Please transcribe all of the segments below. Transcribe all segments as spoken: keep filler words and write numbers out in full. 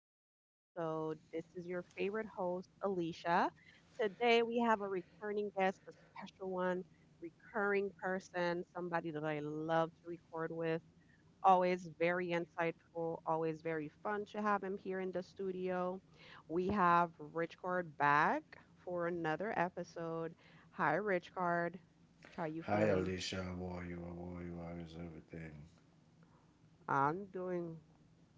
another episode. This is your favorite host, Alicia. Today, we have a returning guest, a special one, recurring person, somebody that I love to record with. Always very insightful, always very fun to have him here in the studio. We have Richcard back for another episode. Hi, Richcard. How are you Hi feeling? Alicia, how are you? How are you? How is everything? I'm doing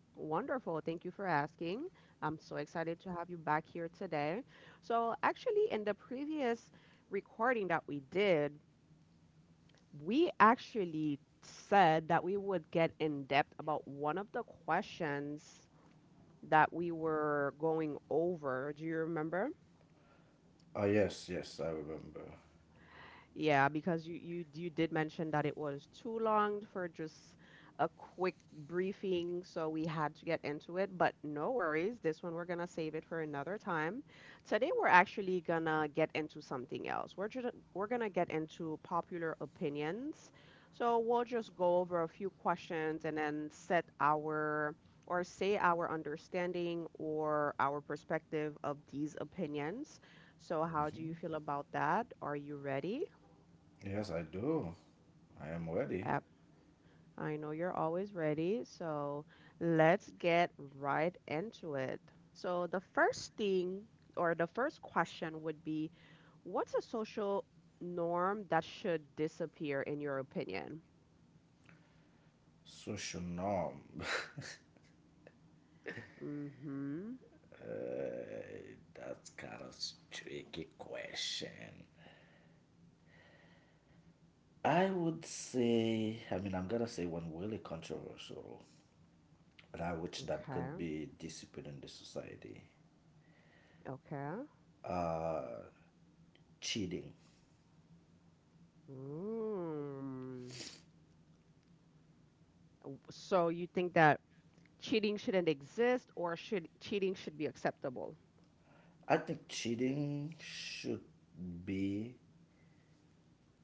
wonderful. Thank you for asking. I'm so excited to have you back here today. So, actually, in the previous recording that we did, we actually said that we would get in depth about one of the questions that we were going over. Do you remember? Ah, yes, yes, I remember. Yeah, because you you you did mention that it was too long for just a quick briefing, so we had to get into it, but no worries. This one we're gonna save it for another time. Today we're actually gonna get into something else. We're just, we're gonna get into popular opinions. So we'll just go over a few questions and then set our or say our understanding or our perspective of these opinions. So, how do you feel about that? Are you ready? Yes, I do. I am ready. App, I know you're always ready, so let's get right into it. So, the first thing or the first question would be, what's a social norm that should disappear in your opinion? Social norm. Mm-hmm. That's kind of tricky question. I would say, I mean, I'm gonna say one really controversial, and I wish that Okay. could be disciplined in the society. Okay. Uh, Cheating. Mm. So, you think that cheating shouldn't exist or should cheating should be acceptable? I think cheating should be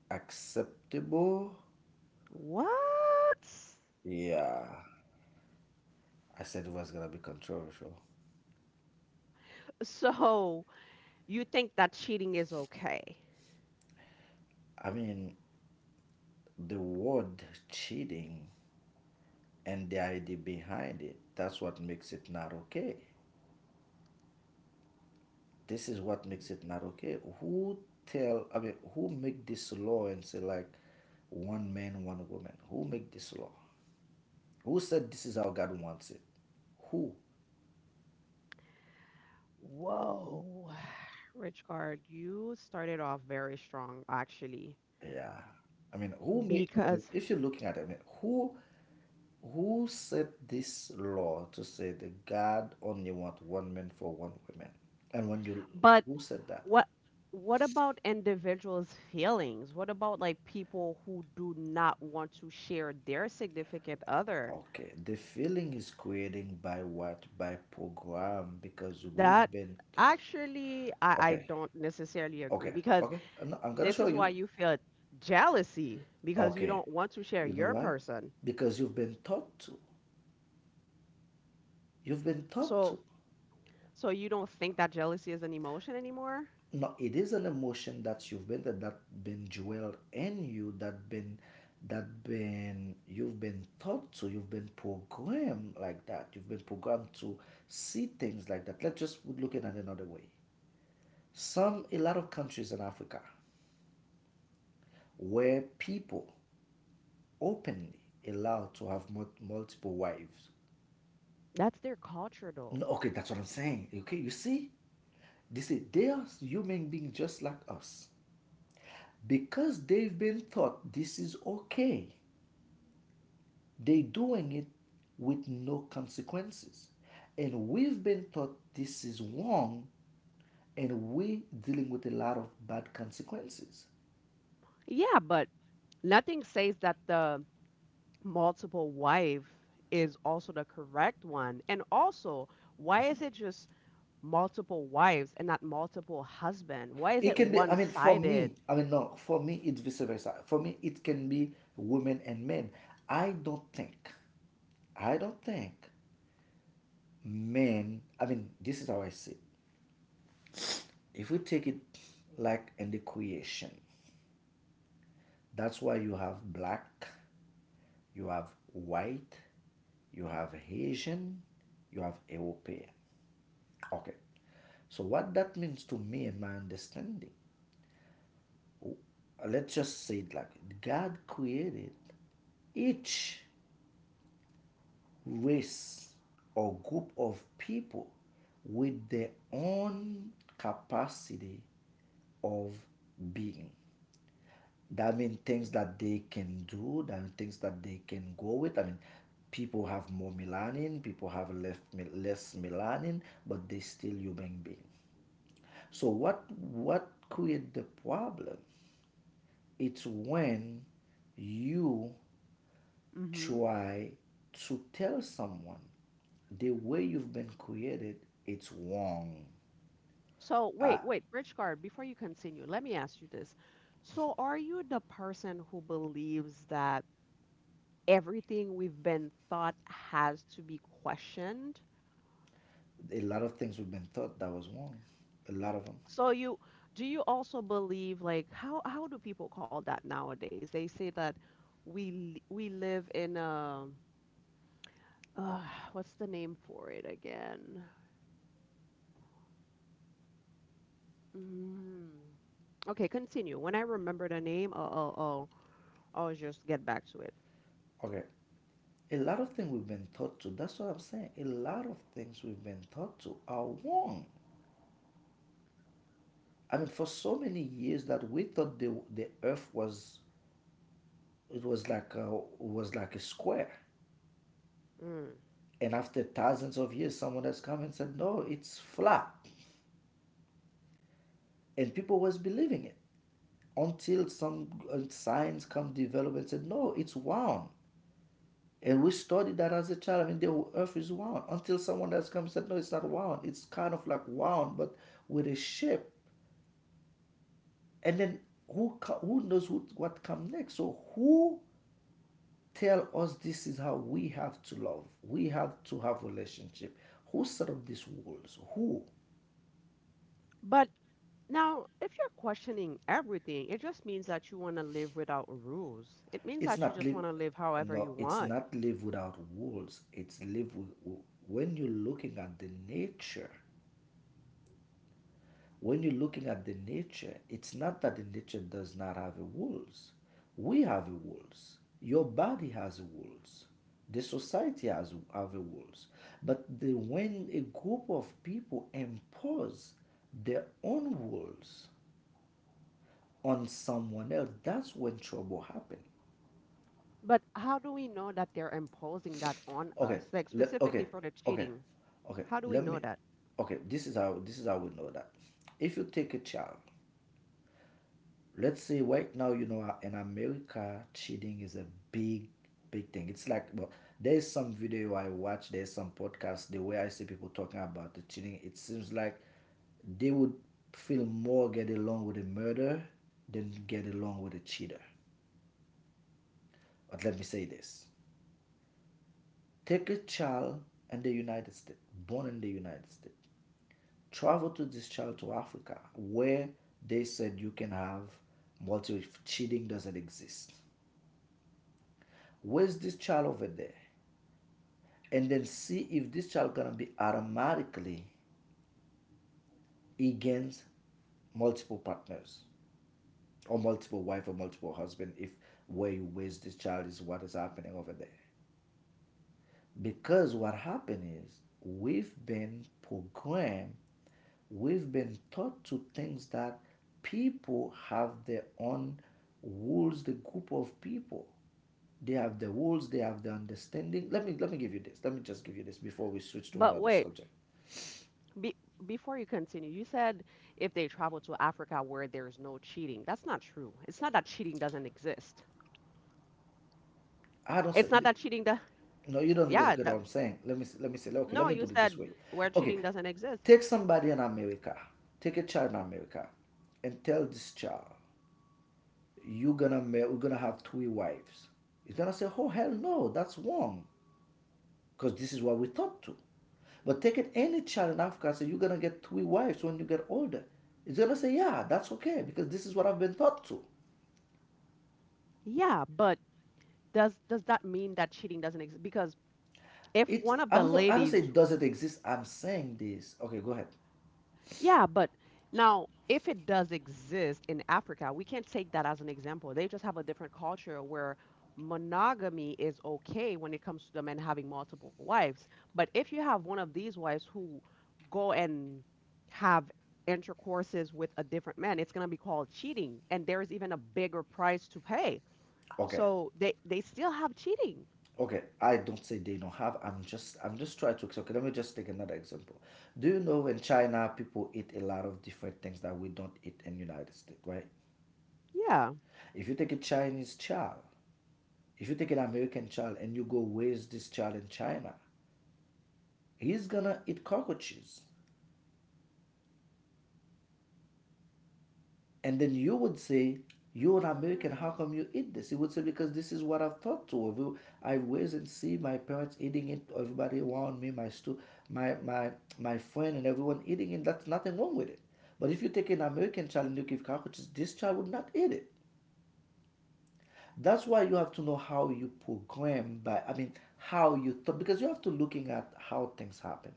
acceptable. What? Yeah, I said it was gonna be controversial. So, you think that cheating is okay? I mean, the word cheating and the idea behind it, that's what makes it not okay. This is what makes it not okay. Who tell, I mean, who make this law and say like one man, one woman? Who make this law? Who said this is how God wants it? Who? Whoa. Richard, you started off very strong actually. Yeah. I mean, who made, I mean, Because if you're looking at it, I mean, who Who set this law to say that God only want one man for one woman? And when you but Who said that? what what about individuals' feelings? What about like people who do not want to share their significant other? Okay, the feeling is creating by what? By program because we've That been t- actually I, I okay, don't necessarily agree okay, because okay. Uh, No, I'm gonna this show is why you. you feel jealousy because you Okay, don't want to share you know your why? person. Because you've been taught to. You've been taught to. So so you don't think that jealousy is an emotion anymore? No, it is an emotion that you've been that that been dwelled in you that been that been you've been taught to, you've been programmed like that, you've been programmed to see things like that. Let's just look at it another way. Some A lot of countries in Africa where people openly allowed to have multiple wives. That's their culture No, though. okay, that's what I'm saying. Okay, you see, this is they are human beings just like us, because they've been taught this is okay. They're doing it with no consequences. And we've been taught this is wrong, and we're dealing with a lot of bad consequences. Yeah, but nothing says that the multiple wife is also the correct one. And also, why is it just multiple wives and not multiple husband? Why is It it can be, I mean, for one-sided? me, I mean, no, for me, it's vice versa. For me, it can be women and men. I don't think, I don't think men, I mean, this is how I see it. If we take it like in the creation, that's why you have black, you have white, you have Asian, you have European. Okay. So what that means to me in my understanding, uh, let's just say it like it. God created each race or group of people with their own capacity of being. That means things that they can do, that mean things that they can go with. I mean, people have more melanin, people have less, less melanin, but they still human being. So what what create the problem? It's when you Hmm. try to tell someone the way you've been created, it's wrong. So I, wait, wait, Bridge card, before you continue, let me ask you this. So are you the person who believes that everything we've been thought has to be questioned? a lot of things we've been taught that was wrong. A lot of them. So you do you also believe like how how do people call that nowadays? They say that we l- we live in a uh, what's the name for it again? Mm. Okay, continue. When I remember the name, I'll I'll, I'll I'll just get back to it. Okay, a lot of things we've been taught to, that's what I'm saying. A lot of things we've been taught to are wrong. I mean, for so many years that we thought the, the earth was, it was like a, was like a square. Mm. And after thousands of years, someone has come and said, no, it's flat. And people was believing it until some uh, science come develop and said, no, it's round. And we studied that as a child. I mean, the earth is round until someone has come and said, no, it's not round. It's kind of like round, but with a shape. And then who who knows who, what comes next. So who tell us this is how we have to love, we have to have relationship, who set up these walls, who But now, if you're questioning everything, it just means that you want to live without rules. It means it's that you not just live, want to live however no, you it's want. not live without walls, it's live with, when you're looking at the nature when you're looking at the nature, it's not that the nature does not have a wolves. We have a wolves. Your body has a wolves. The society has have a wolves. But the, when a group of people impose their own wolves on someone else, that's when trouble happens. But how do we know that they're imposing that on Okay, us, like le- okay, specifically for the okay, cheating? okay. How do we Let know me. that? Okay, this is how this is how we know that. If you take a child, let's say right now, you know, in America, cheating is a big, big thing. It's like, well, there's some video I watch, there's some podcast, the way I see people talking about the cheating, it seems like they would feel more get along with a murderer than get along with a cheater. But let me say this, take a child in the United States, born in the United States, travel to this child to Africa, where they said you can have multiple cheating doesn't exist. Where's this child over there, and then see if this child gonna be automatically against multiple partners or multiple wife or multiple husband, if where you waste this child is what is happening over there. Because what happened is we've been programmed, we've been taught to things that people have their own rules, the group of people, they have the rules, they have the understanding. Let me let me give you this, let me just give you this before we switch to But another wait, subject. be, before you continue, you said if they travel to Africa where there's no cheating, that's not true. It's not that cheating doesn't exist. I don't say It's not that cheating, the, no. You don't yeah, get get what the, I'm saying. Let me s- let me say okay. Let no, me you put it this said way. where Okay, cheating doesn't exist. take somebody in America, take a child in America, and tell this child you're gonna marry, we're gonna have three wives. He's gonna say, oh hell no, that's wrong, because this is what we taught to. But take it any child in Africa, say you're gonna get three wives when you get older. He's gonna say, yeah, that's okay, because this is what I've been taught to. Yeah, but does does that mean that cheating doesn't exist? Because if It's one of the I'm not, I don't say ladies— it doesn't exist. I'm saying this. Okay, go ahead. yeah, but now if it does exist in Africa, we can't take that as an example. They just have a different culture where monogamy is okay when it comes to the men having multiple wives. But if you have one of these wives who go and have intercourses with a different man, it's going to be called cheating, and there is even a bigger price to pay. Okay. So they they still have cheating. Okay, I don't say they don't have. I'm just I'm just trying to. Okay, let me just take another example. Do you know in China people eat a lot of different things that we don't eat in United States, right? Yeah. If you take a Chinese child, If you take an American child and you go raise this child in China, he's gonna eat cockroaches. And then you would say, you're an American, how Mm. come you eat this? He would say, because this is what I've taught to. Every- I always and see my parents eating it, everybody around me, my stu- my my my friend and everyone eating it. That's nothing wrong with it. But if you take an American child and you give cockroaches, this child would not eat it. That's why you have to know how you program by, I mean, how you thought, because you have to looking at how things happen.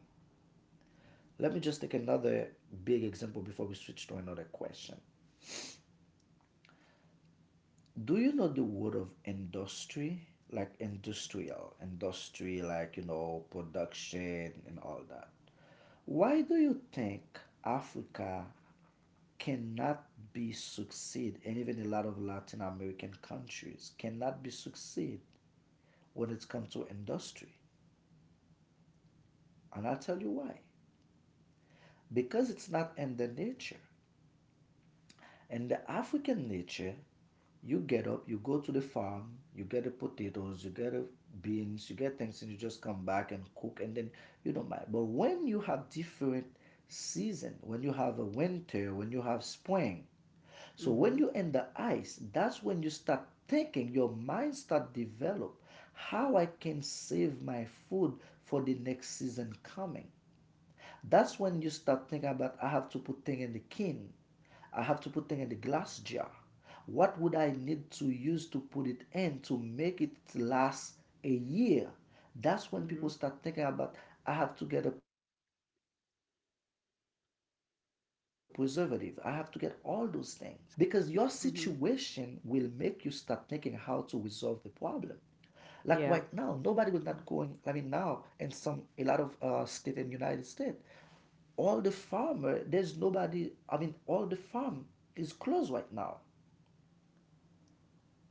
Let me just take another big example before we switch to another question. Do you know the word of industry? Like industrial, industry, like, you know, production and all that. Why do you think Africa cannot be succeed, and even a lot of Latin American countries cannot be succeed, when it comes to industry? And I'll tell you why. Because it's not in the nature. And the African nature, you get up, you go to the farm, you get the potatoes, you get the beans, you get things, and you just come back and cook, and then you don't mind. But when you have different season, when you have a winter, when you have spring, so when Mhm. you're in the ice, that's when you start thinking, your mind start develop how I can save my food for the next season coming. That's when you start thinking about I have to put thing in the can. I have to put thing in the glass jar. What would I need to use to put it in to make it last a year? That's when people Mhm. start thinking about I have to get a preservative. I have to get all those things. Because your situation will make you start Mhm. thinking how to resolve the problem. Like right now, nobody will Yeah. not going. I mean, now in some a lot of uh, state in the United States, all the farmer there's nobody, I mean, all the farm is closed right now,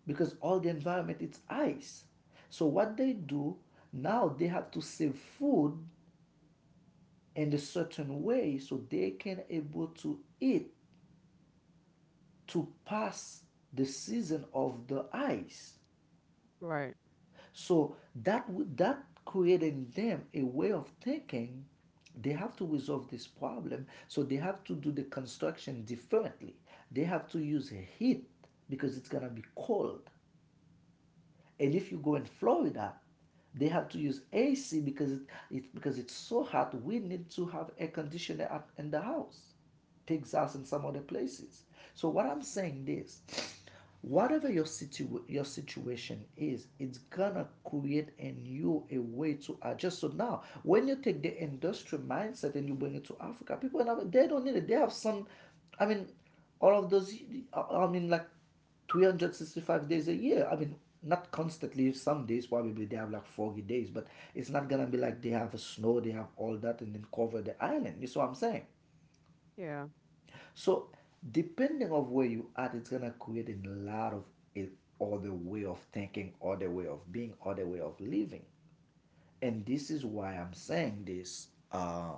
because all the environment it's ice. So what they do now, they have to save food in a certain way so they can able to eat, to pass the season of the ice. Right. So that that created in them a way of thinking. They have to resolve this problem, so they have to do the construction differently. They have to use heat because it's gonna be cold. And if you go in Florida, they have to use A C because it, it because it's so hot. We need to have air conditioner in the house, takes us in some other places. So what I'm saying is, whatever your situ your situation is, it's gonna create in you a way to adjust. So now, when you take the industrial mindset and you bring it to Africa, people they don't need it. They have some, I mean, all of those. I mean, like three hundred sixty-five days a year. I mean, not constantly. Some days probably they have like foggy days, but it's not gonna be like they have a snow, they have all that, and then cover the island. You see what I'm saying? Yeah. So depending of where you at, it's gonna create a lot of it, other way of thinking, other way of being, other way of living. And this is why I'm saying this. Uh,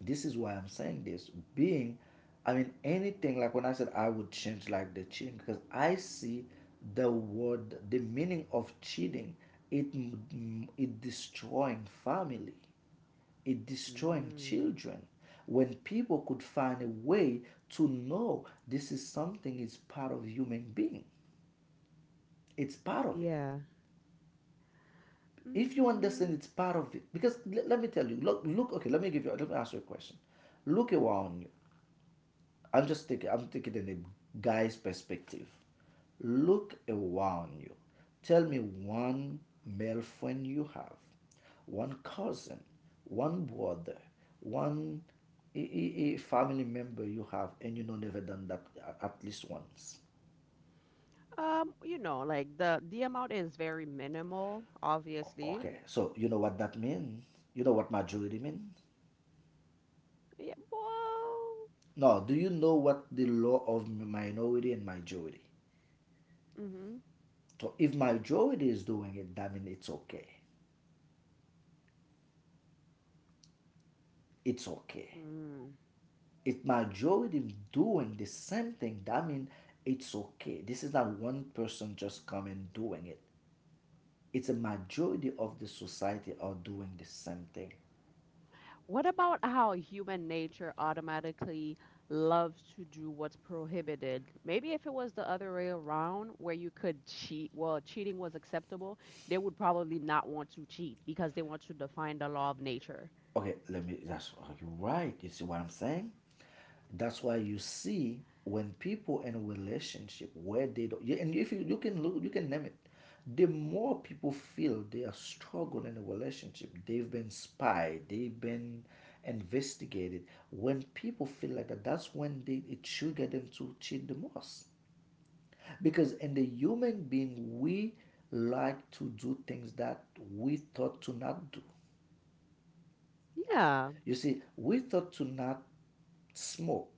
This is why I'm saying this. Being, I mean, anything like when I said I would change like the cheating because I see the word, the meaning of cheating, it it destroying family, it destroying Mm. children when people could find a way to know this is something is part of human being, it's part of it. Yeah. If you Mm, understand it's part of it, because l- let me tell you, look, look okay, let me give you let me ask you a question. Look around you. I'm just thinking, I'm thinking in a guy's perspective. Look around you. Tell me one male friend you have, one cousin, one brother, one a, a- a family member you have, and you know never done that a- at least once. um, you know, like the the amount is very minimal, obviously. Okay, so you know what that means? You know what majority means? Yeah, well, No, do you know what the law of minority and majority? mm-hmm. So if majority is doing it, that means it's okay. It's okay. Mm. If majority doing the same thing, that means it's okay. This is not one person just coming doing it. It's a majority of the society are doing the same thing. What about how human nature automatically loves to do what's prohibited? Maybe if it was the other way around, where you could cheat, well, cheating was acceptable, they would probably not want to cheat because they want to define the law of nature. Okay, let me that's okay, right? You see what I'm saying? That's why you see when people in a relationship where they don't, yeah, and if you, you can look, you can name it. The more people feel they are struggling in a relationship, they've been spied, they've been investigated. When people feel like that, that's when they it trigger them to cheat the most. Because in the human being, we like to do things that we thought to not do. Yeah. You see, we thought to not smoke,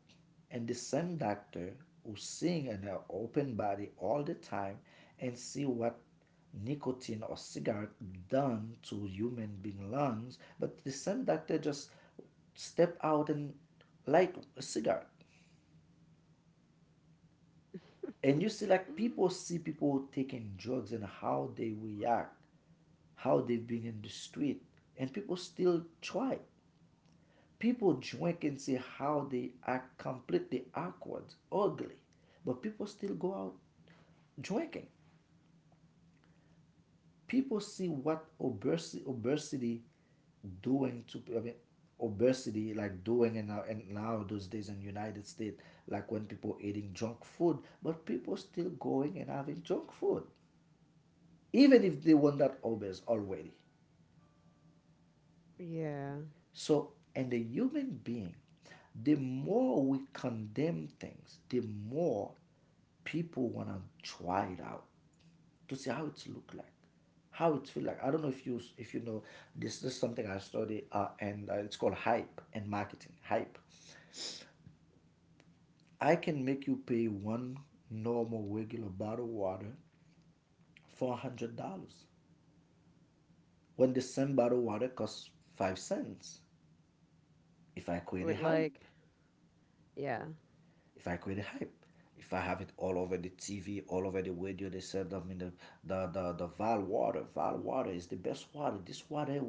and the same doctor who sing in her open body all the time and see what nicotine or cigarette done to human being lungs, but the same doctor just step out and light a cigarette. And you see Mm. like people see people taking drugs and how they react, how they've been in the street, and people still try. People drink and see how they are completely awkward, ugly, but people still go out drinking. People see what obesity, obesity doing to I mean, obesity like doing in now and now those days in the United States, like when people eating junk food, but people still going and having junk food, even if they were not obese already. Yeah. So, in the human being, the more we condemn things, the more people wanna try it out to see how it's look like, how it feel like. I don't know if you if you know this. This is something I study, uh, and uh, it's called hype and marketing. Hype. I can make you pay one normal regular bottle of water for a hundred dollars when the same bottle of water costs five cents if I create a With hype. like, yeah, If I create a hype, if I have it all over the T V, all over the radio, they said, I mean, the, the, the, the Val water, Val water is the best water. This water,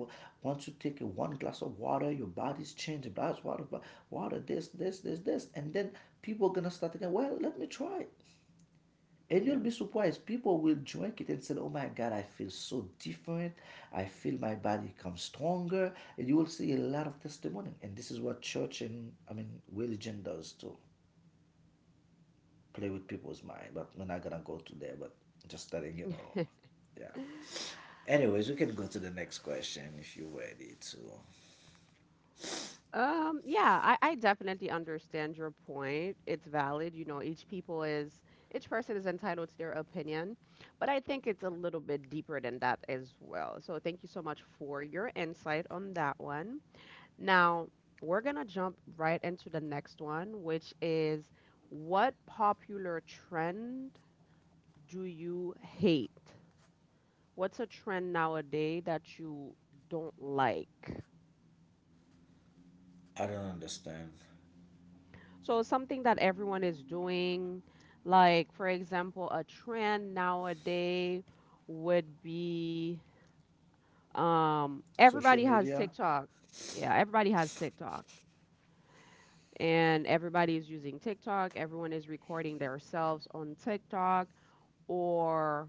once you take one glass of water, your body's changed, blah, water, water, this, this, this, this. And then people are going to start thinking, well, let me try it. And you'll yeah. be surprised. People will drink it and say, oh my God, I feel so different. I feel my body come stronger. And you will see a lot of testimony. And this is what church and, I mean, religion does too, play with people's mind, but we're not gonna go to there. But just letting you know, yeah. Anyways, we can go to the next question if you're ready to. Um, yeah, I, I definitely understand your point. It's valid. You know, each people is each person is entitled to their opinion, but I think it's a little bit deeper than that as well. So thank you so much for your insight on that one. Now, we're gonna jump right into the next one, which is, what popular trend do you hate? What's a trend nowadays that you don't like? I don't understand. So something that everyone is doing, like for example, a trend nowadays would be um, Social everybody media. has TikTok. Yeah, everybody has TikTok. And everybody is using TikTok. Everyone is recording themselves on TikTok or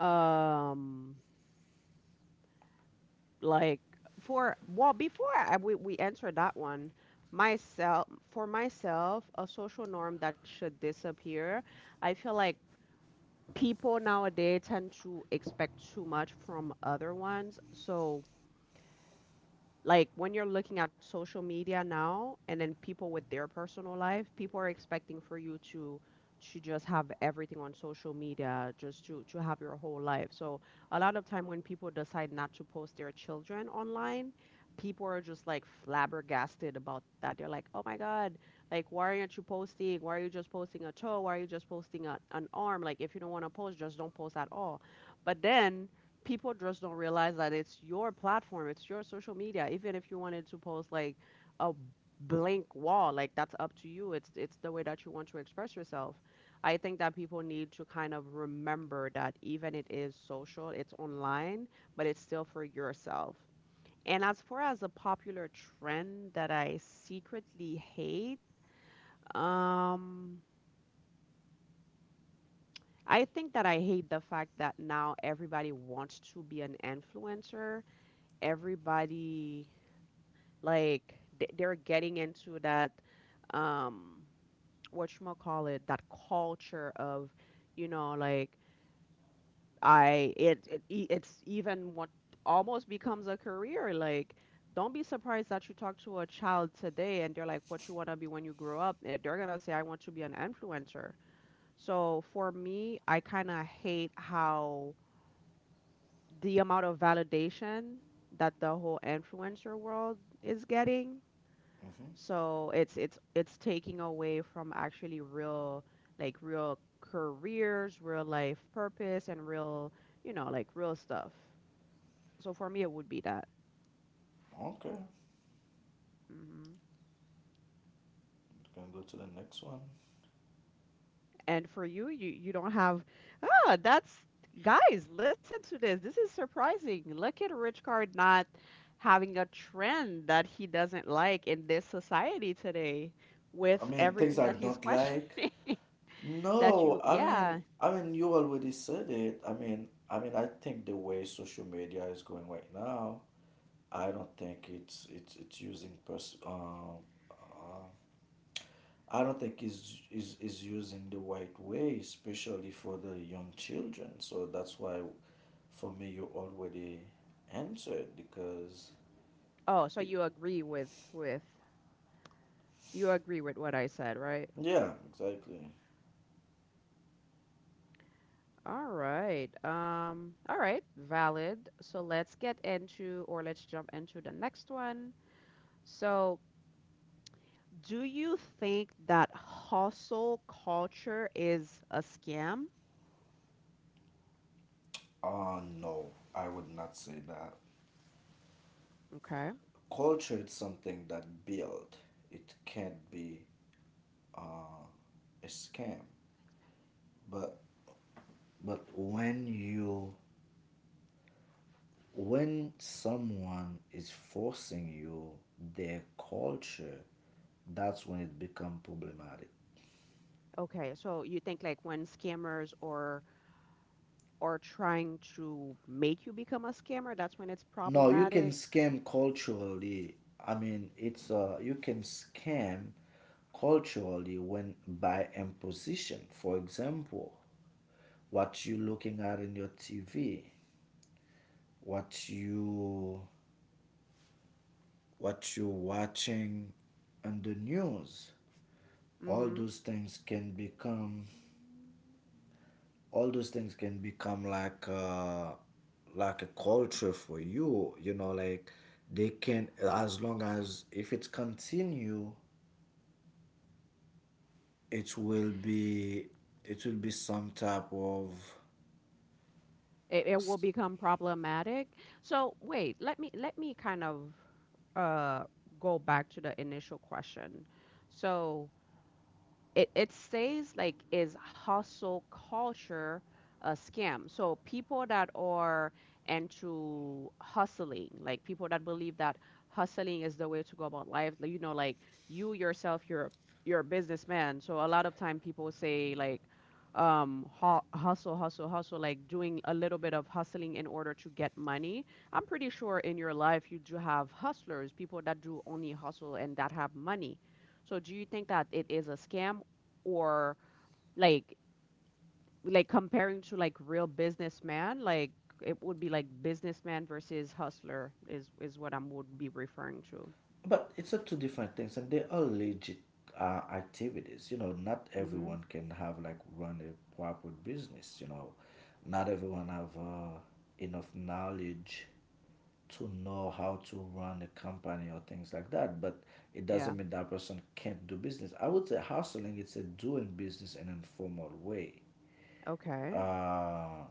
um like for well before I, we, we enter that one, myself for myself, a social norm that should disappear. I feel like people nowadays tend to expect too much from other ones. So like when you're looking at social media now and then people with their personal life, people are expecting for you to to just have everything on social media, just to to have your whole life. So a lot of time when people decide not to post their children online, people are just like flabbergasted about that. They're like, oh my god, like why aren't you posting? Why are you just posting a toe? Why are you just posting a, an arm? Like if you don't want to post, just don't post at all. But then people just don't realize that it's your platform, it's your social media. Even if you wanted to post like a blank wall, like that's up to you. It's it's the way that you want to express yourself. I think that people need to kind of remember that even it is social, it's online, but it's still for yourself. And as far as a popular trend that I secretly hate, um I think that I hate the fact that now everybody wants to be an influencer. Everybody like th- they're getting into that um what you call it, that culture of, you know, like I it, it e- it's even what almost becomes a career. Like don't be surprised that you talk to a child today and they're like, what you want to be when you grow up? Eh, they're going to say, I want to be an influencer. So for me I kind of hate how the amount of validation that the whole influencer world is getting. Mm-hmm. So it's it's it's taking away from actually real, like real careers, real life purpose, and real, you know, like real stuff. So for me it would be that. Okay, we Hmm. can go to the next one. And for you, you you don't have— ah, that's— guys, listen to this. This is surprising. Look at Rich Card not having a trend that he doesn't like in this society today I with mean, things everything I that he's don't like. questioning. That No, you I mean, yeah. I mean, you already said it. I mean, I mean, I think the way social media is going right now, I don't think it's it's it's using pers- um, uh, I don't think is is is using the right way, especially for the young children. So that's why, for me, you already answered because Oh, so it. you agree with with you agree with what I said, right? Yeah, exactly. All right. Um, all right, valid. So let's get into or let's jump into the next one. So, do you think that hustle culture is a scam? Uh no, I would not say that. Okay. Culture is something that build. It can't be a scam. But but when you when someone is forcing you their culture, that's when it become problematic. Okay. So you think like when scammers or are trying to make you become a scammer, that's when it's No, you can problematic. scam culturally. I mean, it's uh, you can scam culturally when by imposition. For example, what you looking at in your T V, what you what you watching on the news, all Mm-hmm. those things can become all those things can become like uh, like a culture for you. You know, like they can as long as if it continue, it will be it will be some type of it, it will s- become problematic. So wait, let me let me kind of uh go back to the initial question. So it it says like, is hustle culture a scam? So people that are into hustling, like people that believe that hustling is the way to go about life, like, you know, like you yourself, you're you're a businessman. So a lot of time people say like, um hu- hustle hustle hustle, like doing a little bit of hustling in order to get money. I'm pretty sure in your life you do have hustlers, people that do only hustle and that have money. So do you think that it is a scam, or like like comparing to like real businessman, like it would be like businessman versus hustler is is what I would be referring to. but it's a two different things and they are legit uh, activities, you know, not Mhm. everyone can have like run a proper business, you know, not everyone have uh, enough knowledge to know how to run a company or things like that, but it Yeah. doesn't mean that person can't do business. I would say hustling it's a doing business in an informal way. Okay. Uh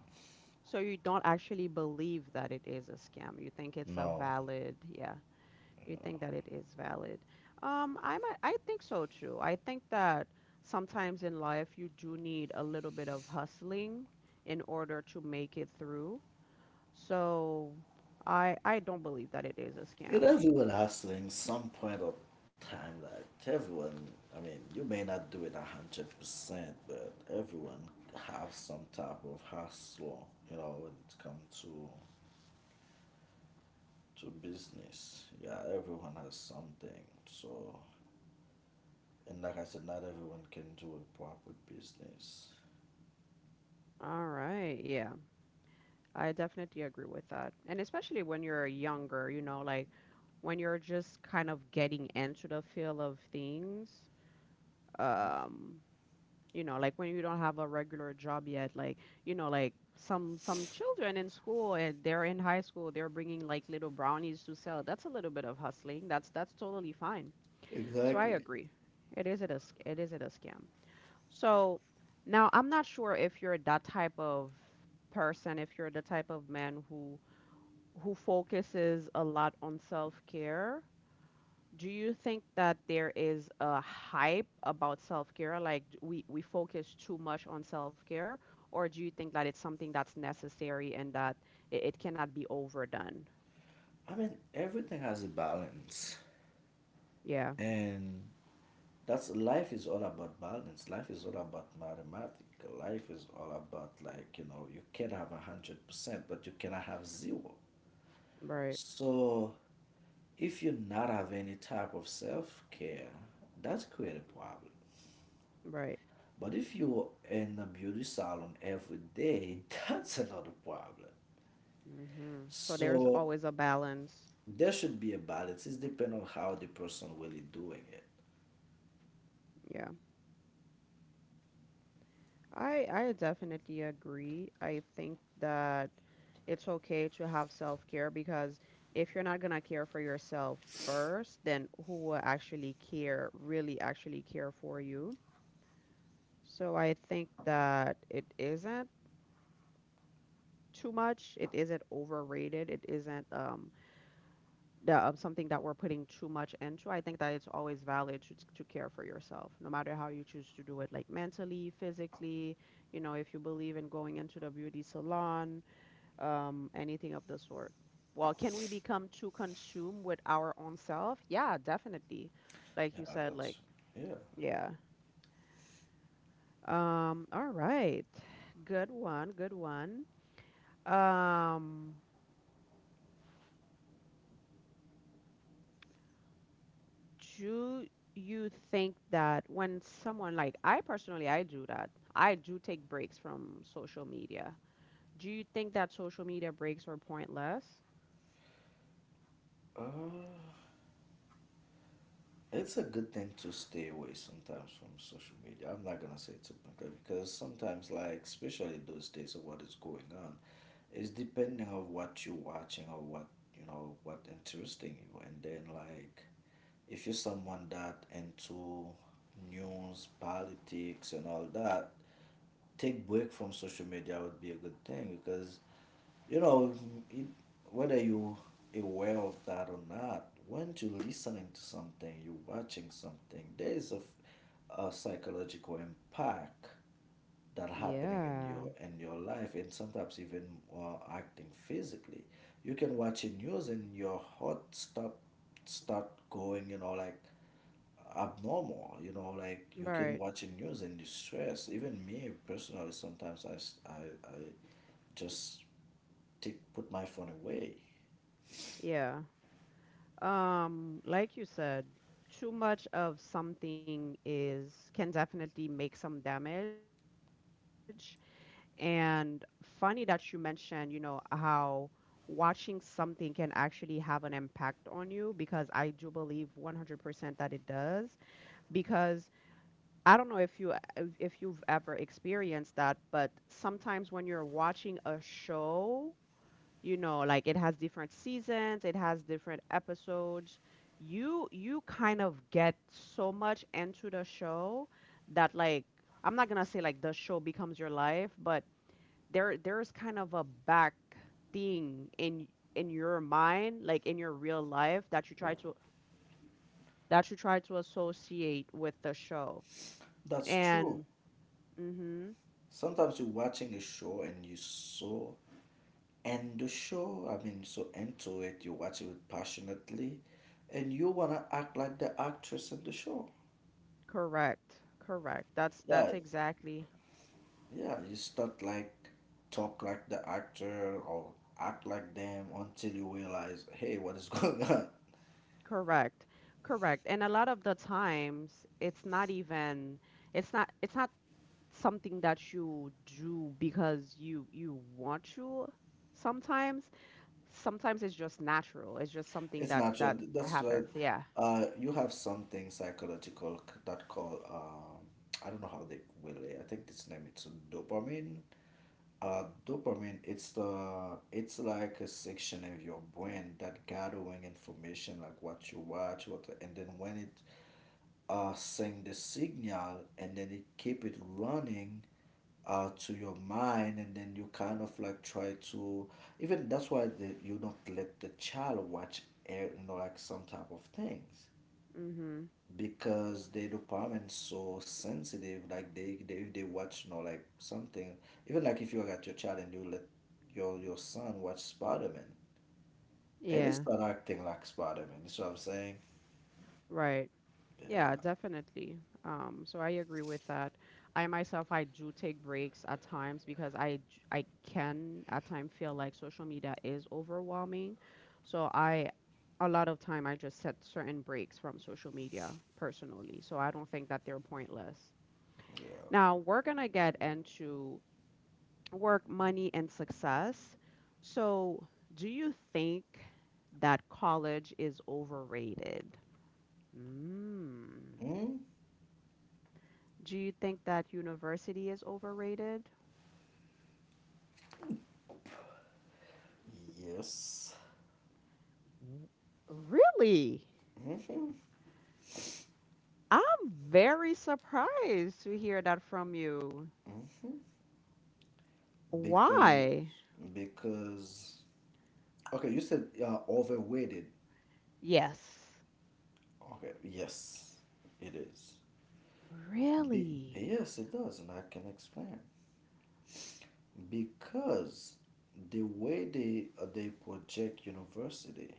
So you don't actually believe that it is a scam. You think it's a no. valid, yeah. You think that it is valid. Um, I might, I think so too. I think that sometimes in life you do need a little bit of hustling in order to make it through. So I I don't believe that it is a And scam. everyone has to in some point of time, like everyone, I mean, you may not do it a hundred percent, but everyone have some type of hustle, you know, when it comes to to business. Yeah, everyone has something. So, and like I said, not everyone can do a proper business. All right, yeah. I definitely agree with that. And especially when you're younger, you know, like when you're just kind of getting into the feel of things. Um, you know, like when you don't have a regular job yet, like, you know, like some some children in school and they're in high school, they're bringing like little brownies to sell. That's a little bit of hustling. That's that's totally fine. So I Exactly. agree. It is it a sc- it is it a scam? So now I'm not sure if you're that type of person, if you're the type of man who who focuses a lot on self-care. Do you think that there is a hype about self-care? Like d- we we focus too much on self-care, or do you think that it's something that's necessary and that it, it cannot be overdone? I mean, everything has a balance, Yeah, and that's life is all about balance, life is all about mathematics, life is all about like, you know, you can have a hundred percent but you cannot have zero. right, So if you not have any type of self-care, that's create a problem. right. But if you're in a beauty salon every day that's another problem. hmm So there's So always a balance. there should be a balance. It depends on how the person really doing it. Yeah. I I definitely agree. I think that it's okay to have self-care because if you're not gonna care for yourself first, then who will actually care, really actually care for you? So I think that it isn't too much. It isn't overrated. It isn't um the um, Something that we're putting too much into. I think that it's always valid to to care for yourself, no matter how you choose to do it, like mentally, physically, you know, if you believe in going into the beauty salon, um, anything of the sort. Well, can we become too consumed with our own self? Yeah, definitely. Like Yeah, you said, like, that's yeah. yeah. Um, all right. Good one, good one. Um, do you think that when someone like I personally I do that. I do take breaks from social media. Do you think that social media breaks are pointless? uh It's a good thing to stay away sometimes from social media. I'm not gonna say it's a bad thing because sometimes, like especially those days of what is going on, it's depending on what you're watching or what, you know, what interesting you. And then like, if you're someone that into news, politics, and all that, take break from social media would be a good thing because, you know, it, whether you aware of that or not, when you're listening to something, you're watching something, there is a f- a psychological impact that happening in Yeah. your in your life, and sometimes even uh, acting physically. You can watch a news and your heart start start going, you know, like abnormal. You know, like you can Right. watch the news and you stress. Even me personally, sometimes I, s- I, I just to put my phone away. Yeah. Um, like you said, too much of something is can definitely make some damage. And funny that you mentioned, you know, how watching something can actually have an impact on you because I do believe one hundred percent that it does. Because I don't know if you if you've ever experienced that, but sometimes when you're watching a show, you know, like it has different seasons, it has different episodes, you you kind of get so much into the show that, like, I'm not gonna say like the show becomes your life, but there there's kind of a back thing in in your mind, like in your real life, that you try to that you try to associate with the show That's true. and mm-hmm. Sometimes you're watching a show and you so end the show, I mean, so into it, you watch it passionately, and you wanna act like the actress in the show. correct correct that's that's Yeah, exactly yeah, you start like talk like the actor or act like them until you realize, hey, what is going on? Correct. Correct. And a lot of the times it's not even it's not it's not something that you do because you you want to sometimes. Sometimes it's just natural. It's just something It's that natural. that That's why, happens. Yeah. Uh, you have something psychological c- that call um, I don't know how they will. I think this name it's dopamine. Uh, dopamine. It's the it's like a section of your brain that gathering information like what you watch, what, and then when it uh send the signal and then it keep it running uh, to your mind, and then you kind of like try to, even that's why the, you don't let the child watch eh, you know like some type of things Mhm. because the dopamine's so sensitive, like they, they if they watch, you know, like something, even like if you got your child and you let your your son watch Spider-Man and it's Yeah. not acting like Spider-Man, you know what I'm saying? Right. Yeah, Yeah. definitely. Um, so I agree with that. I myself, I do take breaks at times because I j- I can at times feel like social media is overwhelming. So I a lot of time I just set certain breaks from social media personally. So I don't think that they're pointless. Yeah. Now we're gonna get into work, money, and success. So do you think that college is overrated? Mm. Mm? Do you think that university is overrated? Yes. W- Really? Mm-hmm. I'm very surprised to hear that from you. Mm-hmm. because Why? because okay, you said uh, overweighted. Yes. Okay, yes, it is. Be- Really? yes, it does, and I can explain. Because the way they uh, they project university,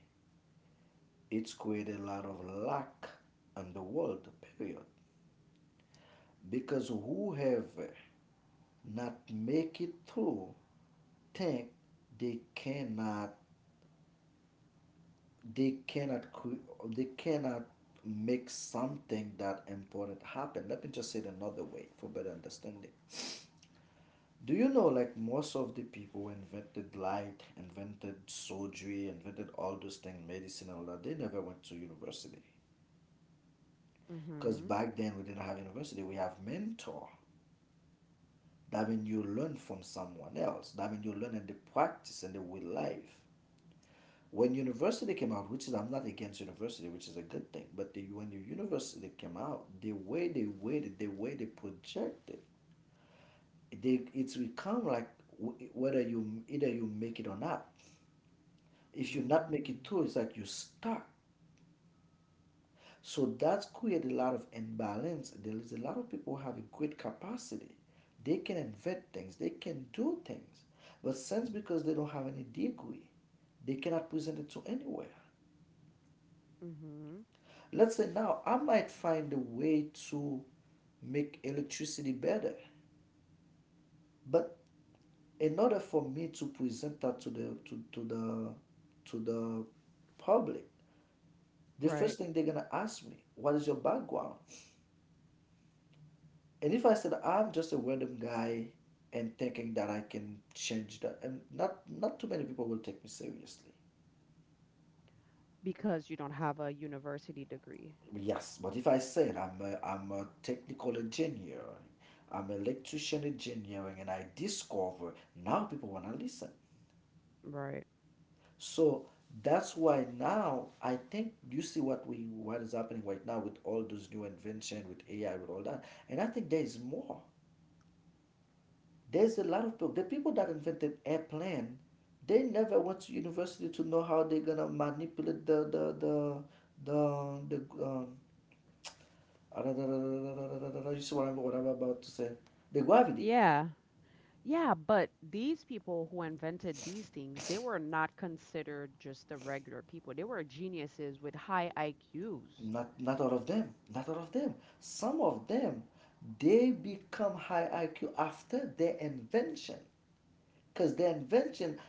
it's created a lot of lack in the world. Period. Because whoever not make it through, think they cannot they cannot cre- they cannot make something that important happen. Let me just say it another way for better understanding. Do you know, like, most of the people who invented light, invented surgery, invented all those things, medicine and all that, they never went to university. Because Mhm. back then we didn't have university, we have mentor. That means you learn from someone else. That means you learn and the practice and the real life. When university came out, which is I'm not against university, which is a good thing, but the, when the university came out, the way they waited, the way they projected, they it's become like whether you either you make it or not. If you not make Mm. it through, it's like you stuck. So that's created a lot of imbalance. There is a lot of people who have a great capacity. They can invent things. They can do things. But since because they don't have any degree, they cannot present it to anywhere. Mhm. Let's say now I might find a way to make electricity better, but in order for me to present that to the to, to the to the public, the Right. first thing they're gonna ask me, what is your background? And if I said I'm just a random guy and thinking that I can change that, and not not too many people will take me seriously. Because you don't have a university degree. Yes, but if I said I'm a, I'm a technical engineer, I'm an electrician engineering, and I discover, now people want to listen. Right. So that's why now I think you see what we what is happening right now with all those new invention with A I with all that, and I think there is more. There's a lot of people. The people that invented airplane, they never went to university to know how they're gonna manipulate the the the the the um, you see what I'm what I'm about to say. The Guavidi, Yeah. Yeah, but these people who invented these things, they were not considered just the regular people. They were geniuses with high I Qs. not, not all of them, not all of them. Some of them, they become high I Q after their invention. Because their invention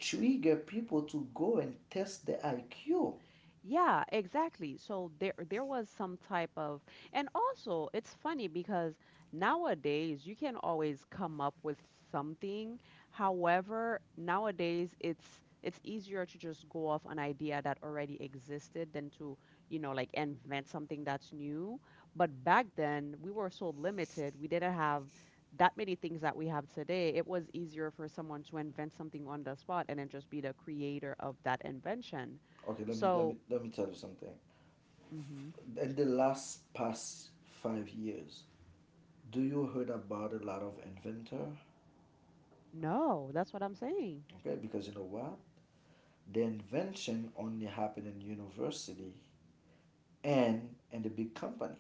trigger people to go and test the I Q. Yeah, exactly. So there there was some type of, and also it's funny because nowadays you can always come up with something. However, nowadays it's it's easier to just go off an idea that already existed than to, you know, like invent something that's new. But back then we were so limited. We didn't have that many things that we have today. It was easier for someone to invent something on the spot and then just be the creator of that invention. Okay, let me, let So me, let me tell you something. mm-hmm. In the last past five years, do you heard about a lot of inventor? No, that's what I'm saying. Okay, because you know what? The invention only happened in university and and the big company.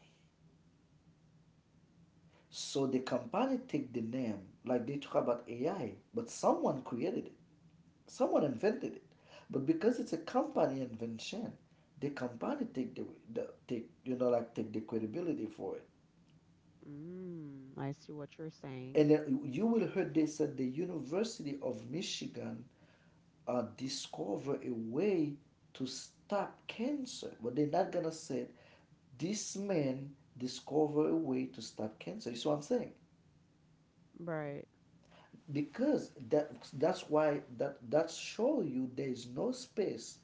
So the company take the name, like they talk about A I, but someone created it, someone invented it. But because it's a company invention, the company take the, the take you know like take the credibility for it. Mm, I see what you're saying. And then you will heard they said the University of Michigan uh, discover a way to stop cancer, but they're not gonna say it. This man discover a way to stop cancer. You see what I'm saying? Right. Because that, that's why that, that show you there is no space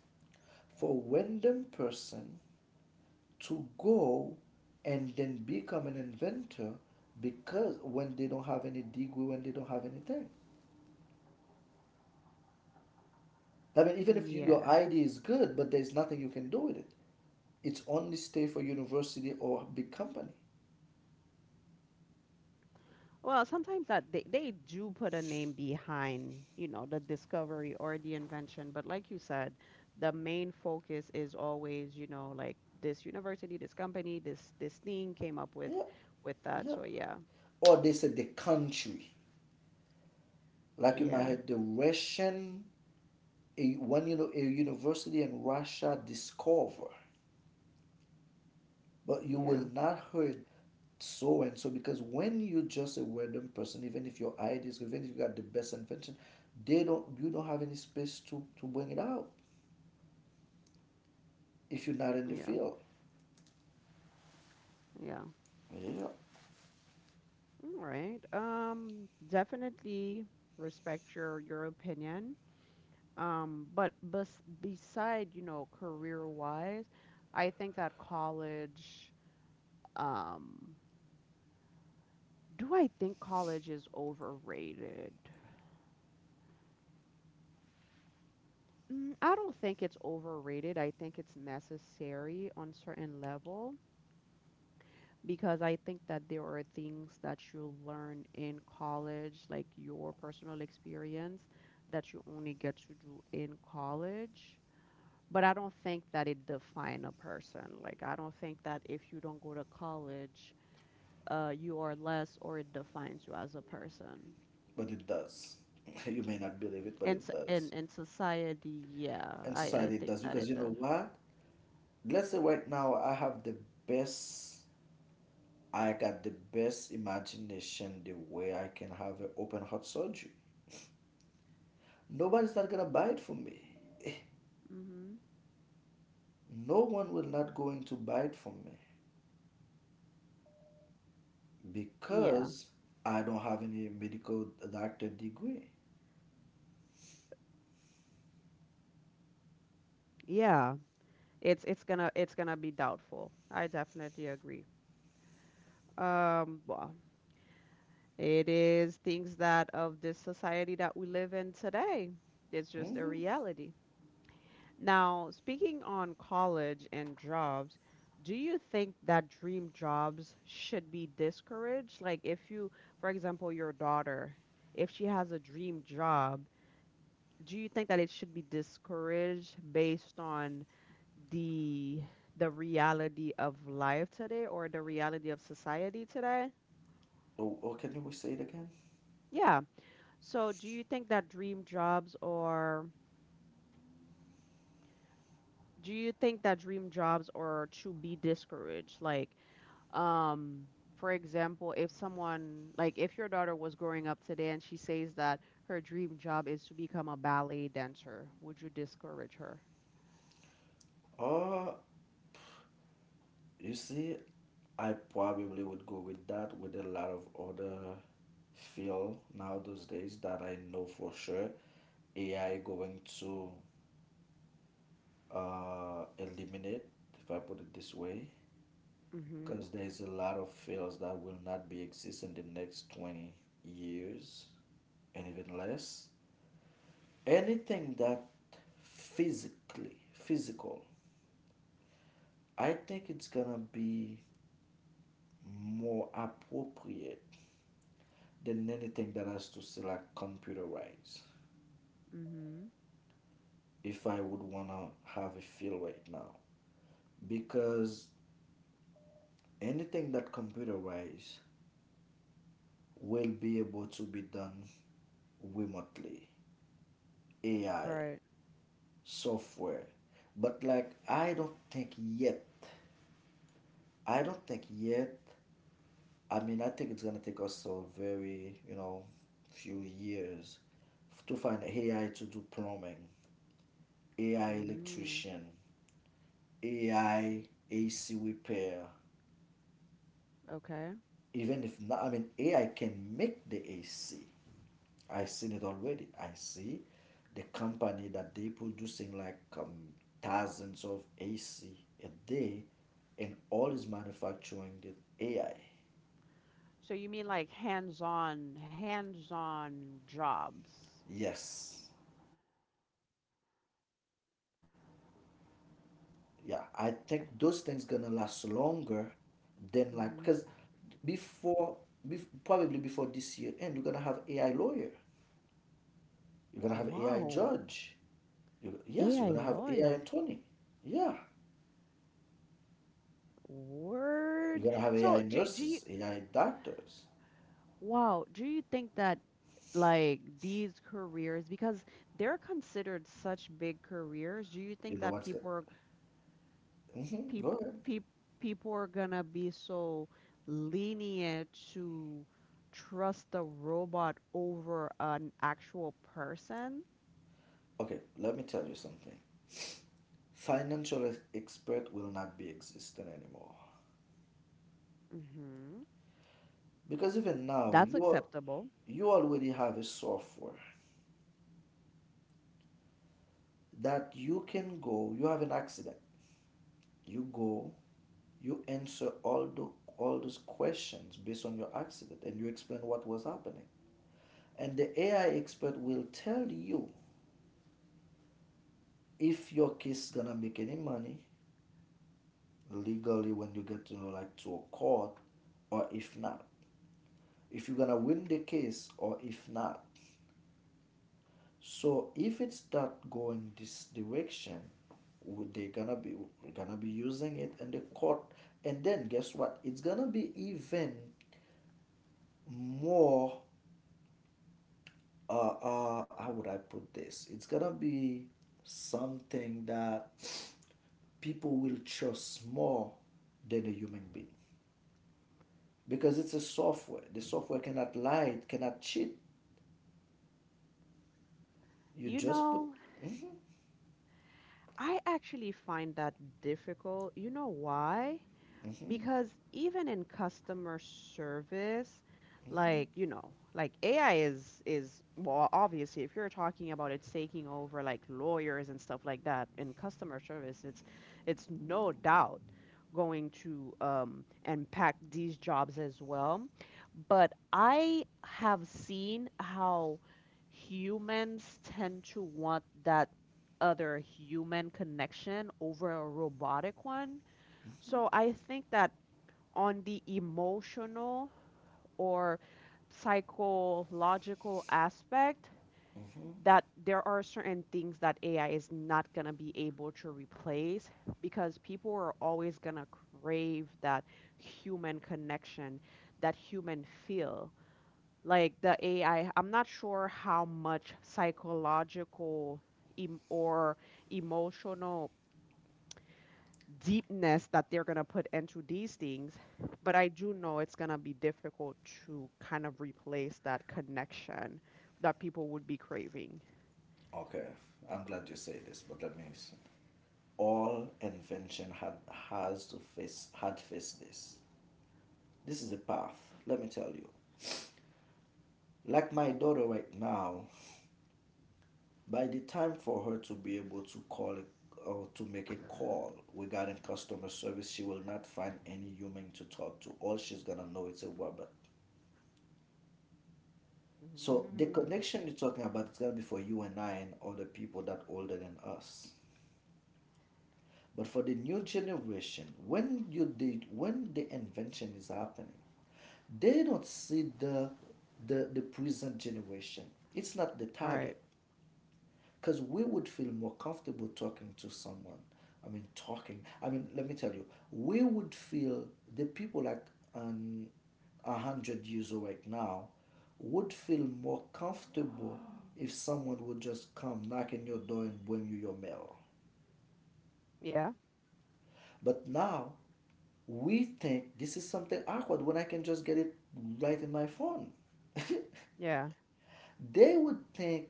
for random person to go and then become an inventor, because when they don't have any degree, when they don't have anything, I mean, even if you, your Yeah. idea is good, but there's nothing you can do with it. It's only stay for university or big company. Well, sometimes that they, they do put a name behind, you know, the discovery or the invention, but like you said, the main focus is always, you know, like this university, this company, this this thing came up with Yeah. with that. Yeah. So yeah. Or they said the country, like you might Yeah. have the Russian, a, one, you know, a university in Russia discover, but you will Yeah. not hurt. So and so, because when you're just a random person, even if your ideas, even if you got the best invention, they don't you don't have any space to, to bring it out if you're not in the Yeah. field. Yeah. Yeah. All right. Um, definitely respect your your opinion. Um, but bes beside, you know, career-wise, I think that college, um, do I think college is overrated? Mm, I don't think it's overrated. I think it's necessary on certain level because I think that there are things that you learn in college, like your personal experience, that you only get to do in college. But I don't think that it define a person. Like I don't think that if you don't go to college, uh, you are less or it defines you as a person. But it does. You may not believe it, but In it s- in does. in society, yeah, And I I society it think does, that because it you know does. what? Let's say right now I have the best, I got the best imagination the way I can have an open heart surgery. Nobody's not gonna buy it from me. Hmm. No one will not going to buy it from me Yeah, because I don't have any medical doctor degree. yeah. It's it's gonna it's gonna be doubtful. I definitely agree. Um, well, it is things that of this society that we live in today. It's just a Hmm. reality. Now, speaking on college and jobs, do you think that dream jobs should be discouraged? Like, if you, for example, your daughter, if she has a dream job, do you think that it should be discouraged based on the the reality of life today or the reality of society today? Oh, oh, can you say it again? Yeah. So, do you think that dream jobs or do you think that dream jobs are to be discouraged? Like, um, for example, if someone like if your daughter was growing up today and she says that her dream job is to become a ballet dancer, would you discourage her? Oh, you see, I probably would go with that with a lot of other field. Now those days that I know for sure A I going to uh, eliminate, if I put it this way, Mm mhm. because there's a lot of fields that will not be exist in the next twenty years. And even less. Anything that physically, physical, I think it's gonna be more appropriate than anything that has to say like computerized. Mm mhm. If I would wanna have a feel right now, because anything that computerized will be able to be done remotely, A I, Right. software. But like I don't think yet, I don't think yet, I mean, I think it's gonna take us a very, you know, few years f- to find A I to do plumbing, AI Mm. electrician, A I A C repair. Okay, Even if not, I mean, A I can make the A C. I seen it already. I see the company that they producing like um, thousands of A C a day, and all is manufacturing the A I. so you mean like hands-on hands-on jobs. Yes, yeah, I think those things gonna last Mm longer than, like, because mhm. before bef- probably before this year end you're gonna have AI lawyer, you're gonna have AI Whoa. judge, you, yes, you're A I gonna have AI lawyer. attorney, yeah, you're Word. gonna have AI So do do nurses, you AI doctors. Wow, do you think that like these careers, because they're considered such big careers, do you You think know that what's good? people are Mm-hmm, peop, go ahead. peop, people are gonna be so lenient to trust a robot over an actual person? Okay, let me tell you something. Financial ex- expert will not be existent anymore, Hmm. because even now That's you are, acceptable. you already have a software that you can go, you have an accident, you go, you answer all the all those questions based on your accident and you explain what was happening, and the AI expert will tell you if your case is gonna make any money legally when you get to, you know, like, to a court, or if not, if you're gonna win the case or if not. So if it's not going this direction, would they gonna be, gonna be using it in the court, and then guess what? It's gonna be even more. Uh, uh, how would I put this? It's gonna be something that people will trust more than a human being because it's a software. The software cannot lie. It cannot cheat. You You just put. know, Hmm. I actually find that difficult. You know why? Hmm. Because even in customer service, like, you know, like A I is is well, obviously if you're talking about it's taking over like lawyers and stuff like that, in customer service, it's it's no doubt going to, um, impact these jobs as well. But I have seen how humans tend to want that other human connection over a robotic one. So I think that on the emotional or psychological aspect, Hmm. that there are certain things that A I is not going to be able to replace because people are always going to crave that human connection, that human feel. Like the A I, I'm not sure how much psychological em- or emotional deepness that they're going to put into these things, but I do know it's going to be difficult to kind of replace that connection that people would be craving. Okay, I'm glad you say this, but let me s- all invention had has to face had faced this. This is a path, let me tell you. Like my daughter right now, by the time for her to be able to call it or to make a call regarding customer service, she will not find any human to talk to. All she's gonna know is a robot. So the Mm. connection you're talking about is gonna be for you and I and other people that older than us. But for the new generation, when you did when the invention is happening, they don't see the the, the present generation. It's not the Right. target. Because we would feel more comfortable talking to someone. I mean talking. I mean let me tell you, we would feel the people like um, a hundred years old right now would feel more comfortable if someone would just come knock on your door and bring you your mail. Yeah. But now we think this is something awkward when I can just get it right in my phone. Yeah. They would think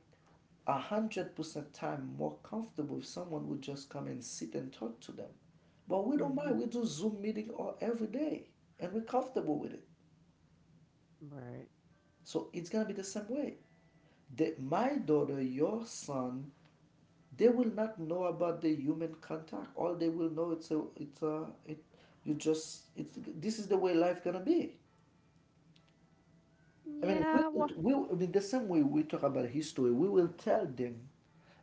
a hundred percent time more comfortable if someone would just come and sit and talk to them. But we don't mind. Mhm. We do Zoom meeting all every day, and we're comfortable with it. Right. So it's gonna be the same way. That my daughter, your son, they will not know about the human contact. All they will know it's a it's a it. You just it's, this is the way life gonna be. I mean, we, Yeah. Well, we, I mean, the same way we talk about history, we will tell them.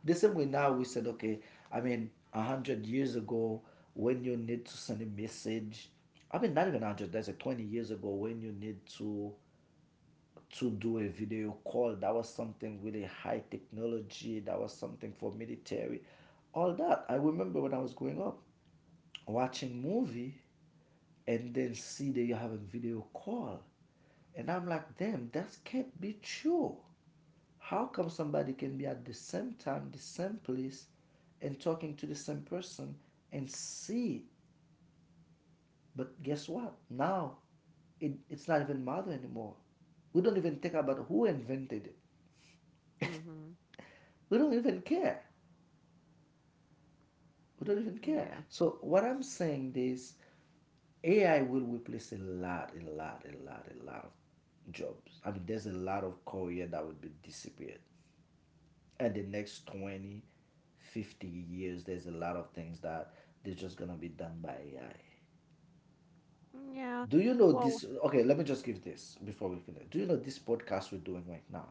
The same way now we said, okay, I mean, a hundred years ago, when you need to send a message, I mean, not even a hundred. That's like twenty years ago when you need to to do a video call. That was something really high technology. That was something for military, all that. I remember when I was growing up, watching movie and then see that you're having video call, and I'm like, damn, that can't be true. How come somebody can be at the same time, the same place, and talking to the same person and see? But guess what? Now it, it's not even matter anymore. We don't even think about who invented it. mhm. We don't even care. We don't even care. Yeah. So what I'm saying is A I will replace a lot, a lot, a lot, a lot of jobs. I mean, there's a lot of career that would be disappeared. And the next twenty, fifty years, there's a lot of things that they're just gonna be done by AI. Yeah. Do you know Well, this? Okay, let me just give this before we finish. Do you know this podcast we're doing right now?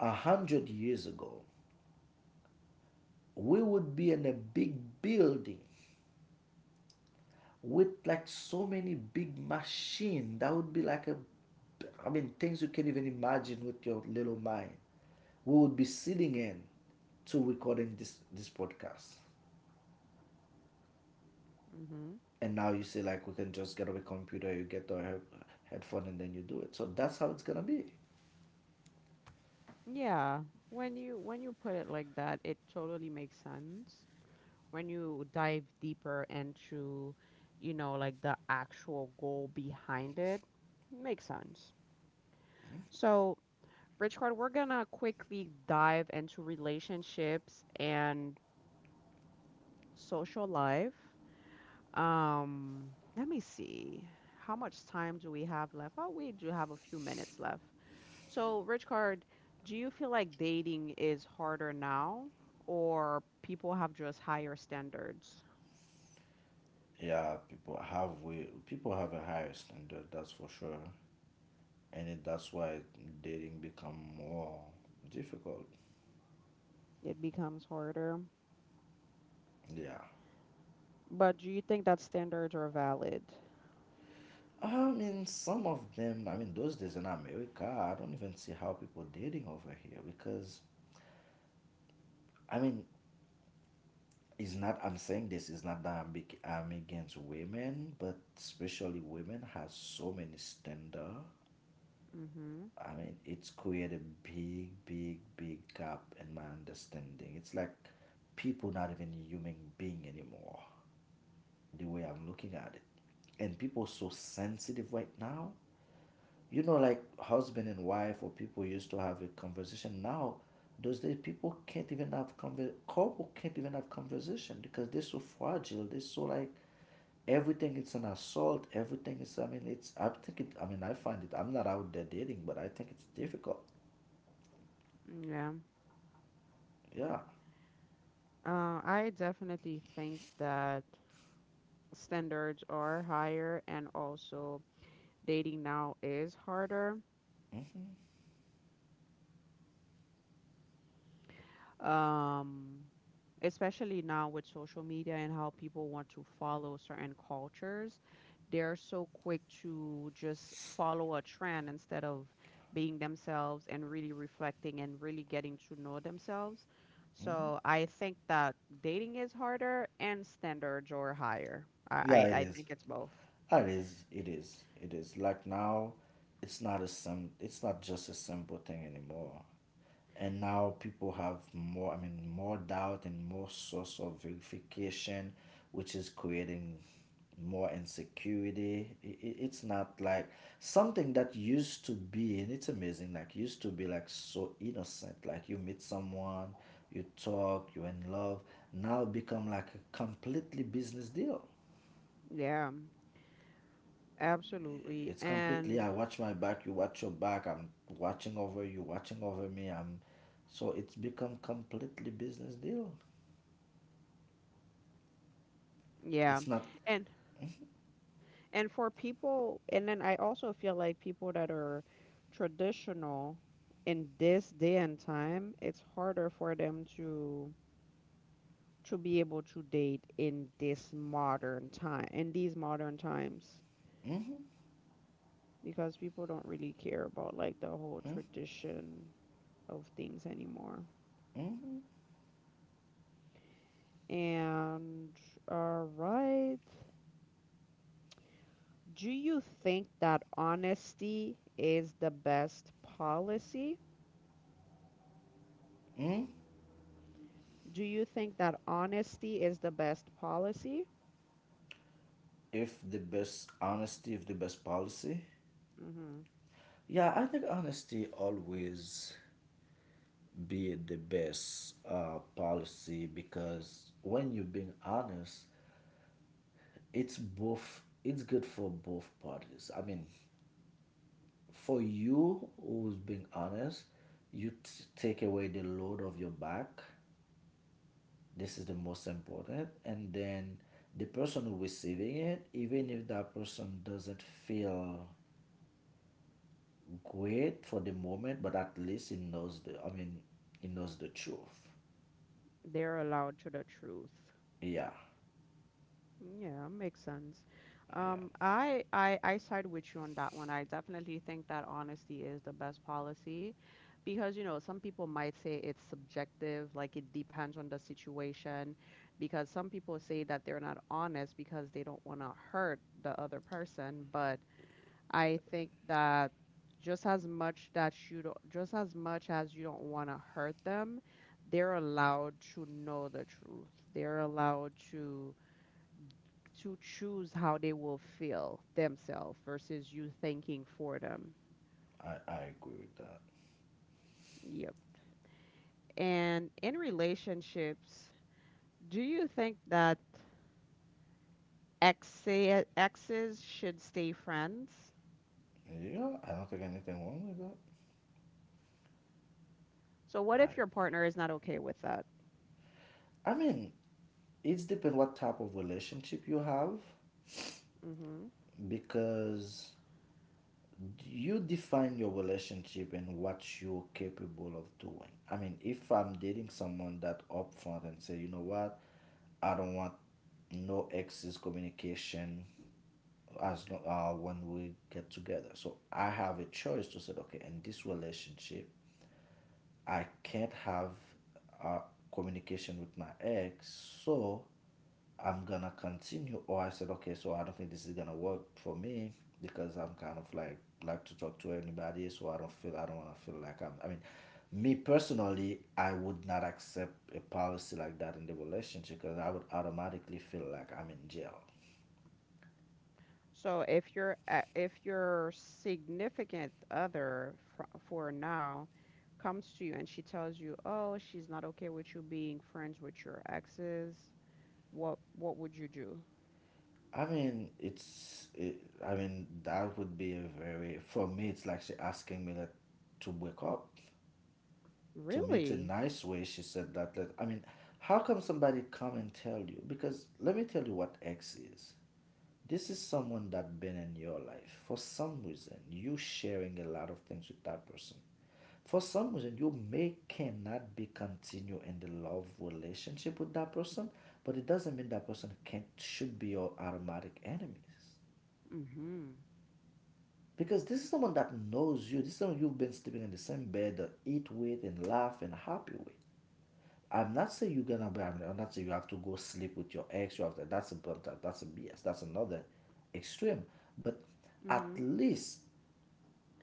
A hundred years ago we would be in a big building with like so many big machines that would be like a, I mean, things you can't even imagine with your little mind, we would be sitting in to recording this this podcast. mhm. And now you say like we can just get a computer, you get the he- headphone and then you do it. So that's how it's gonna be. Yeah. When you when you put it like that, it totally makes sense. When you dive deeper into, you know, like the actual goal behind it, makes sense. So, Richard, we're gonna quickly dive into relationships and social life. Um, let me see. How much time do we have left? Oh, we do have a few minutes left. So, Richard, do you feel like dating is harder now, or people have just higher standards? Yeah, people have, we people have a higher standard, that's for sure. And it, that's why dating become more difficult. It becomes harder. Yeah, But do you think that standards are valid? I mean some of them. I mean, those days in America, I don't even see how people dating over here, because, I mean, it's not, I'm saying this is not that i'm, bec- I'm against women, but especially women has so many standard. Mm-hmm. I mean, it's created a big, big, big gap in my understanding. It's like people not even human being anymore, the way I'm looking at it. And people so sensitive right now. You know, like husband and wife or people used to have a conversation. Now, those days people can't even have conver- couple can't even have conversation because they're so fragile. They're so like everything is an assault. Everything is. I mean, it's. I think it. I mean, I find it. I'm not out there dating, but I think it's difficult. Yeah. Yeah. Uh, I definitely think that standards are higher and also dating now is harder, um, especially now with social media and how people want to follow certain cultures. They're so quick to just follow a trend instead of being themselves and really reflecting and really getting to know themselves. Mhm. So I think that dating is harder and standards are higher. I, Yeah, I, it I is. think it's both. It is. It is. It is. Like now, it's not a sim. It's not just a simple thing anymore. And now people have more. I mean, more doubt and more source of verification, which is creating more insecurity. I i it's not like something that used to be, and it's amazing. Like used to be like so innocent. Like you meet someone, you talk, you're in love. Now become like a completely business deal. Yeah, absolutely. It's completely, And I watch my back, you watch your back, I'm watching over you, watching over me. I'm, so it's become completely business deal. yeah, It's not. and And for people, and then I also feel like people that are traditional in this day and time, it's harder for them to to be able to date in this modern time, in these modern times, Mm-hmm. because people don't really care about like the whole Mm-hmm. tradition of things anymore. Mm-hmm. And all right. Do you think that honesty is the best policy? Mm. Do you think that honesty is the best policy? If the best honesty, if the best policy. Hmm. Yeah, I think honesty always be the best uh, policy, because when you're being honest, it's both it's good for both parties. I mean, for you who's being honest, you t- take away the load of your back, this is the most important. And then the person who receiving it, even if that person doesn't feel great for the moment, but at least he knows the, I mean, he knows the truth. They're allowed to the truth. Yeah. Yeah, makes sense. Yeah. Um, I, I I side with you on that one. I definitely think that honesty is the best policy because, you know, some people might say it's subjective, like it depends on the situation, because some people say that they're not honest because they don't want to hurt the other person, but I think that just as much that you don't, just as much as you don't want to hurt them, they're allowed to know the truth. They're allowed to to choose how they will feel themselves versus you thinking for them. I i agree with that. Yep. And in relationships, do you think that exe- exes should stay friends? Yeah, I don't think anything wrong with So what that. if your partner is not okay with that? I i mean, it's depend what type of relationship you have. Mm-hmm. Because you define your relationship and what you're capable of doing. I mean, if I'm dating someone that upfront and say, you know what, I don't want no excess communication as long, uh, when we get together. So I have a choice to say, okay, in this relationship, I can't have uh, communication with my ex, so I'm gonna continue, or I said, okay, so I don't think this is gonna work for me, because I'm kind of like like to talk to anybody, so I don't feel, I don't wanna feel like I'm. I mean, me personally, I would not accept a policy like that in the relationship, because I would automatically feel like I'm in jail. So if your a- if your significant other fr for now comes to you and she tells you, "Oh, she's not okay with you being friends with your exes," what what would you do? I mean, it's. It, I mean, that would be a very, for me, it's like she asking me that to wake up. To me it's a Really? nice way she said that like, I mean, how come somebody come and tell you, because let me tell you what x is, this is someone that been in your life. For some reason you sharing a lot of things with that person. For some reason you may cannot be continue in the love relationship with that person, but it doesn't mean that person can't should be your automatic enemies. Mm-hmm. Because this is someone that knows you, this is someone you've been sleeping in the same bed, uh, eat with and laugh and happy with. I'm not saying you're gonna be. I'm not saying you have to go sleep with your ex. You have to. That's a, that's a B S. That's another extreme. But at Mm-hmm. least,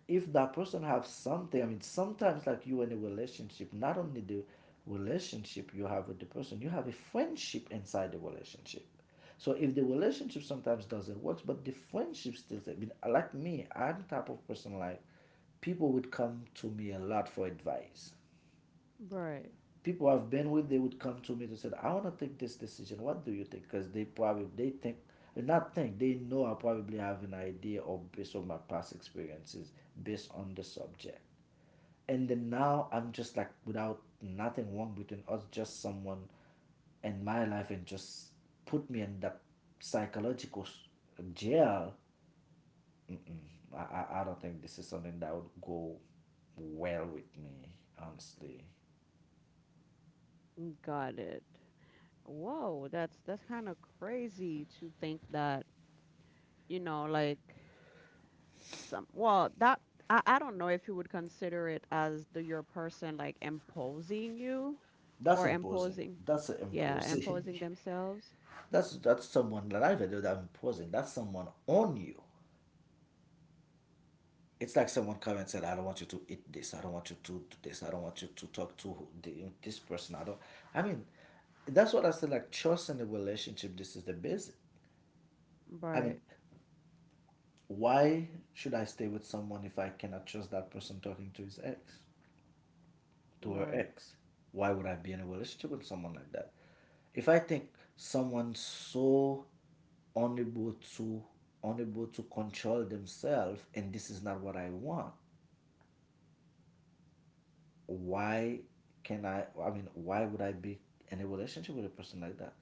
if that person have something, I mean, sometimes like you in a relationship, not only the relationship you have with the person, you have a friendship inside the relationship. So if the relationship sometimes doesn't work, but the friendship still. I mean, like me, I'm type of person like people would come to me a lot for advice. Right. People I've been with, they would come to me and say, "I want to take this decision. What do you think?" Because they probably they think, not think, they know I probably have an idea or based on my past experiences, based on the subject. And then now I'm just like without nothing wrong between us, just someone in my life and just put me in that psychological jail. I, I, I don't think this is something that would go well with me, honestly. Mm, got it. Whoa, that's that's kind of crazy to think that, you know, like some, well, that I, I don't know if you would consider it as the your person like imposing you That's or imposing. imposing. That's Yeah, imposing. imposing themselves. That's that's someone that I video that I imposing. That's someone on you. It's like someone come and said, "I don't want you to eat this. I don't want you to do this. I don't want you to talk to this person. I don't." I mean, that's what I said. Like trust in a relationship. This is the basic. I mean, Right. why should I stay with someone if I cannot trust that person talking to his ex? To her Right. ex. Why would I be in a relationship with someone like that? If I think someone so unable to unable to control themselves and this is not what I want, why can I I mean why would I be in a relationship with a person like that?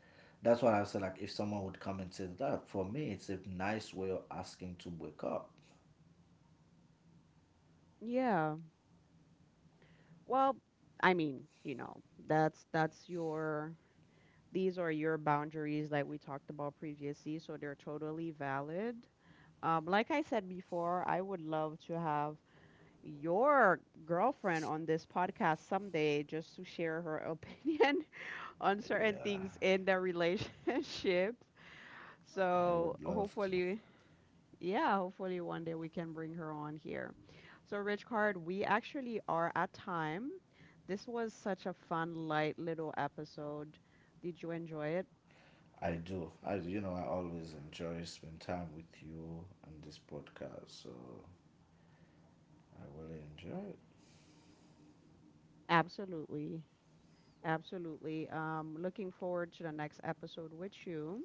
That's why I said, like if someone would come and say that, for me it's a nice way of asking to break up. Yeah. Well, I mean, you know, that's that's your, these are your boundaries like we talked about previously, so they're totally valid. Um, like I said before, I would love to have your girlfriend on this podcast someday just to share her opinion on certain Yeah, things in the relationships. I So would love to. hopefully, yeah, hopefully one day we can bring her on here. So Rich Card, we actually are at time. This was such a fun, light little episode. Did you enjoy it? I do. I do. You know, I always enjoy spend time with you on this podcast, so I really enjoy it. Absolutely. Absolutely. Um, looking forward to the next episode with you.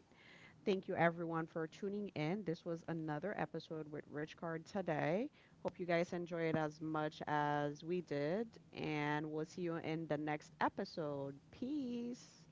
Thank you everyone for tuning in. This was another episode with Rich Card today. Hope you guys enjoy it as much as we did, and we'll see you in the next episode. Peace.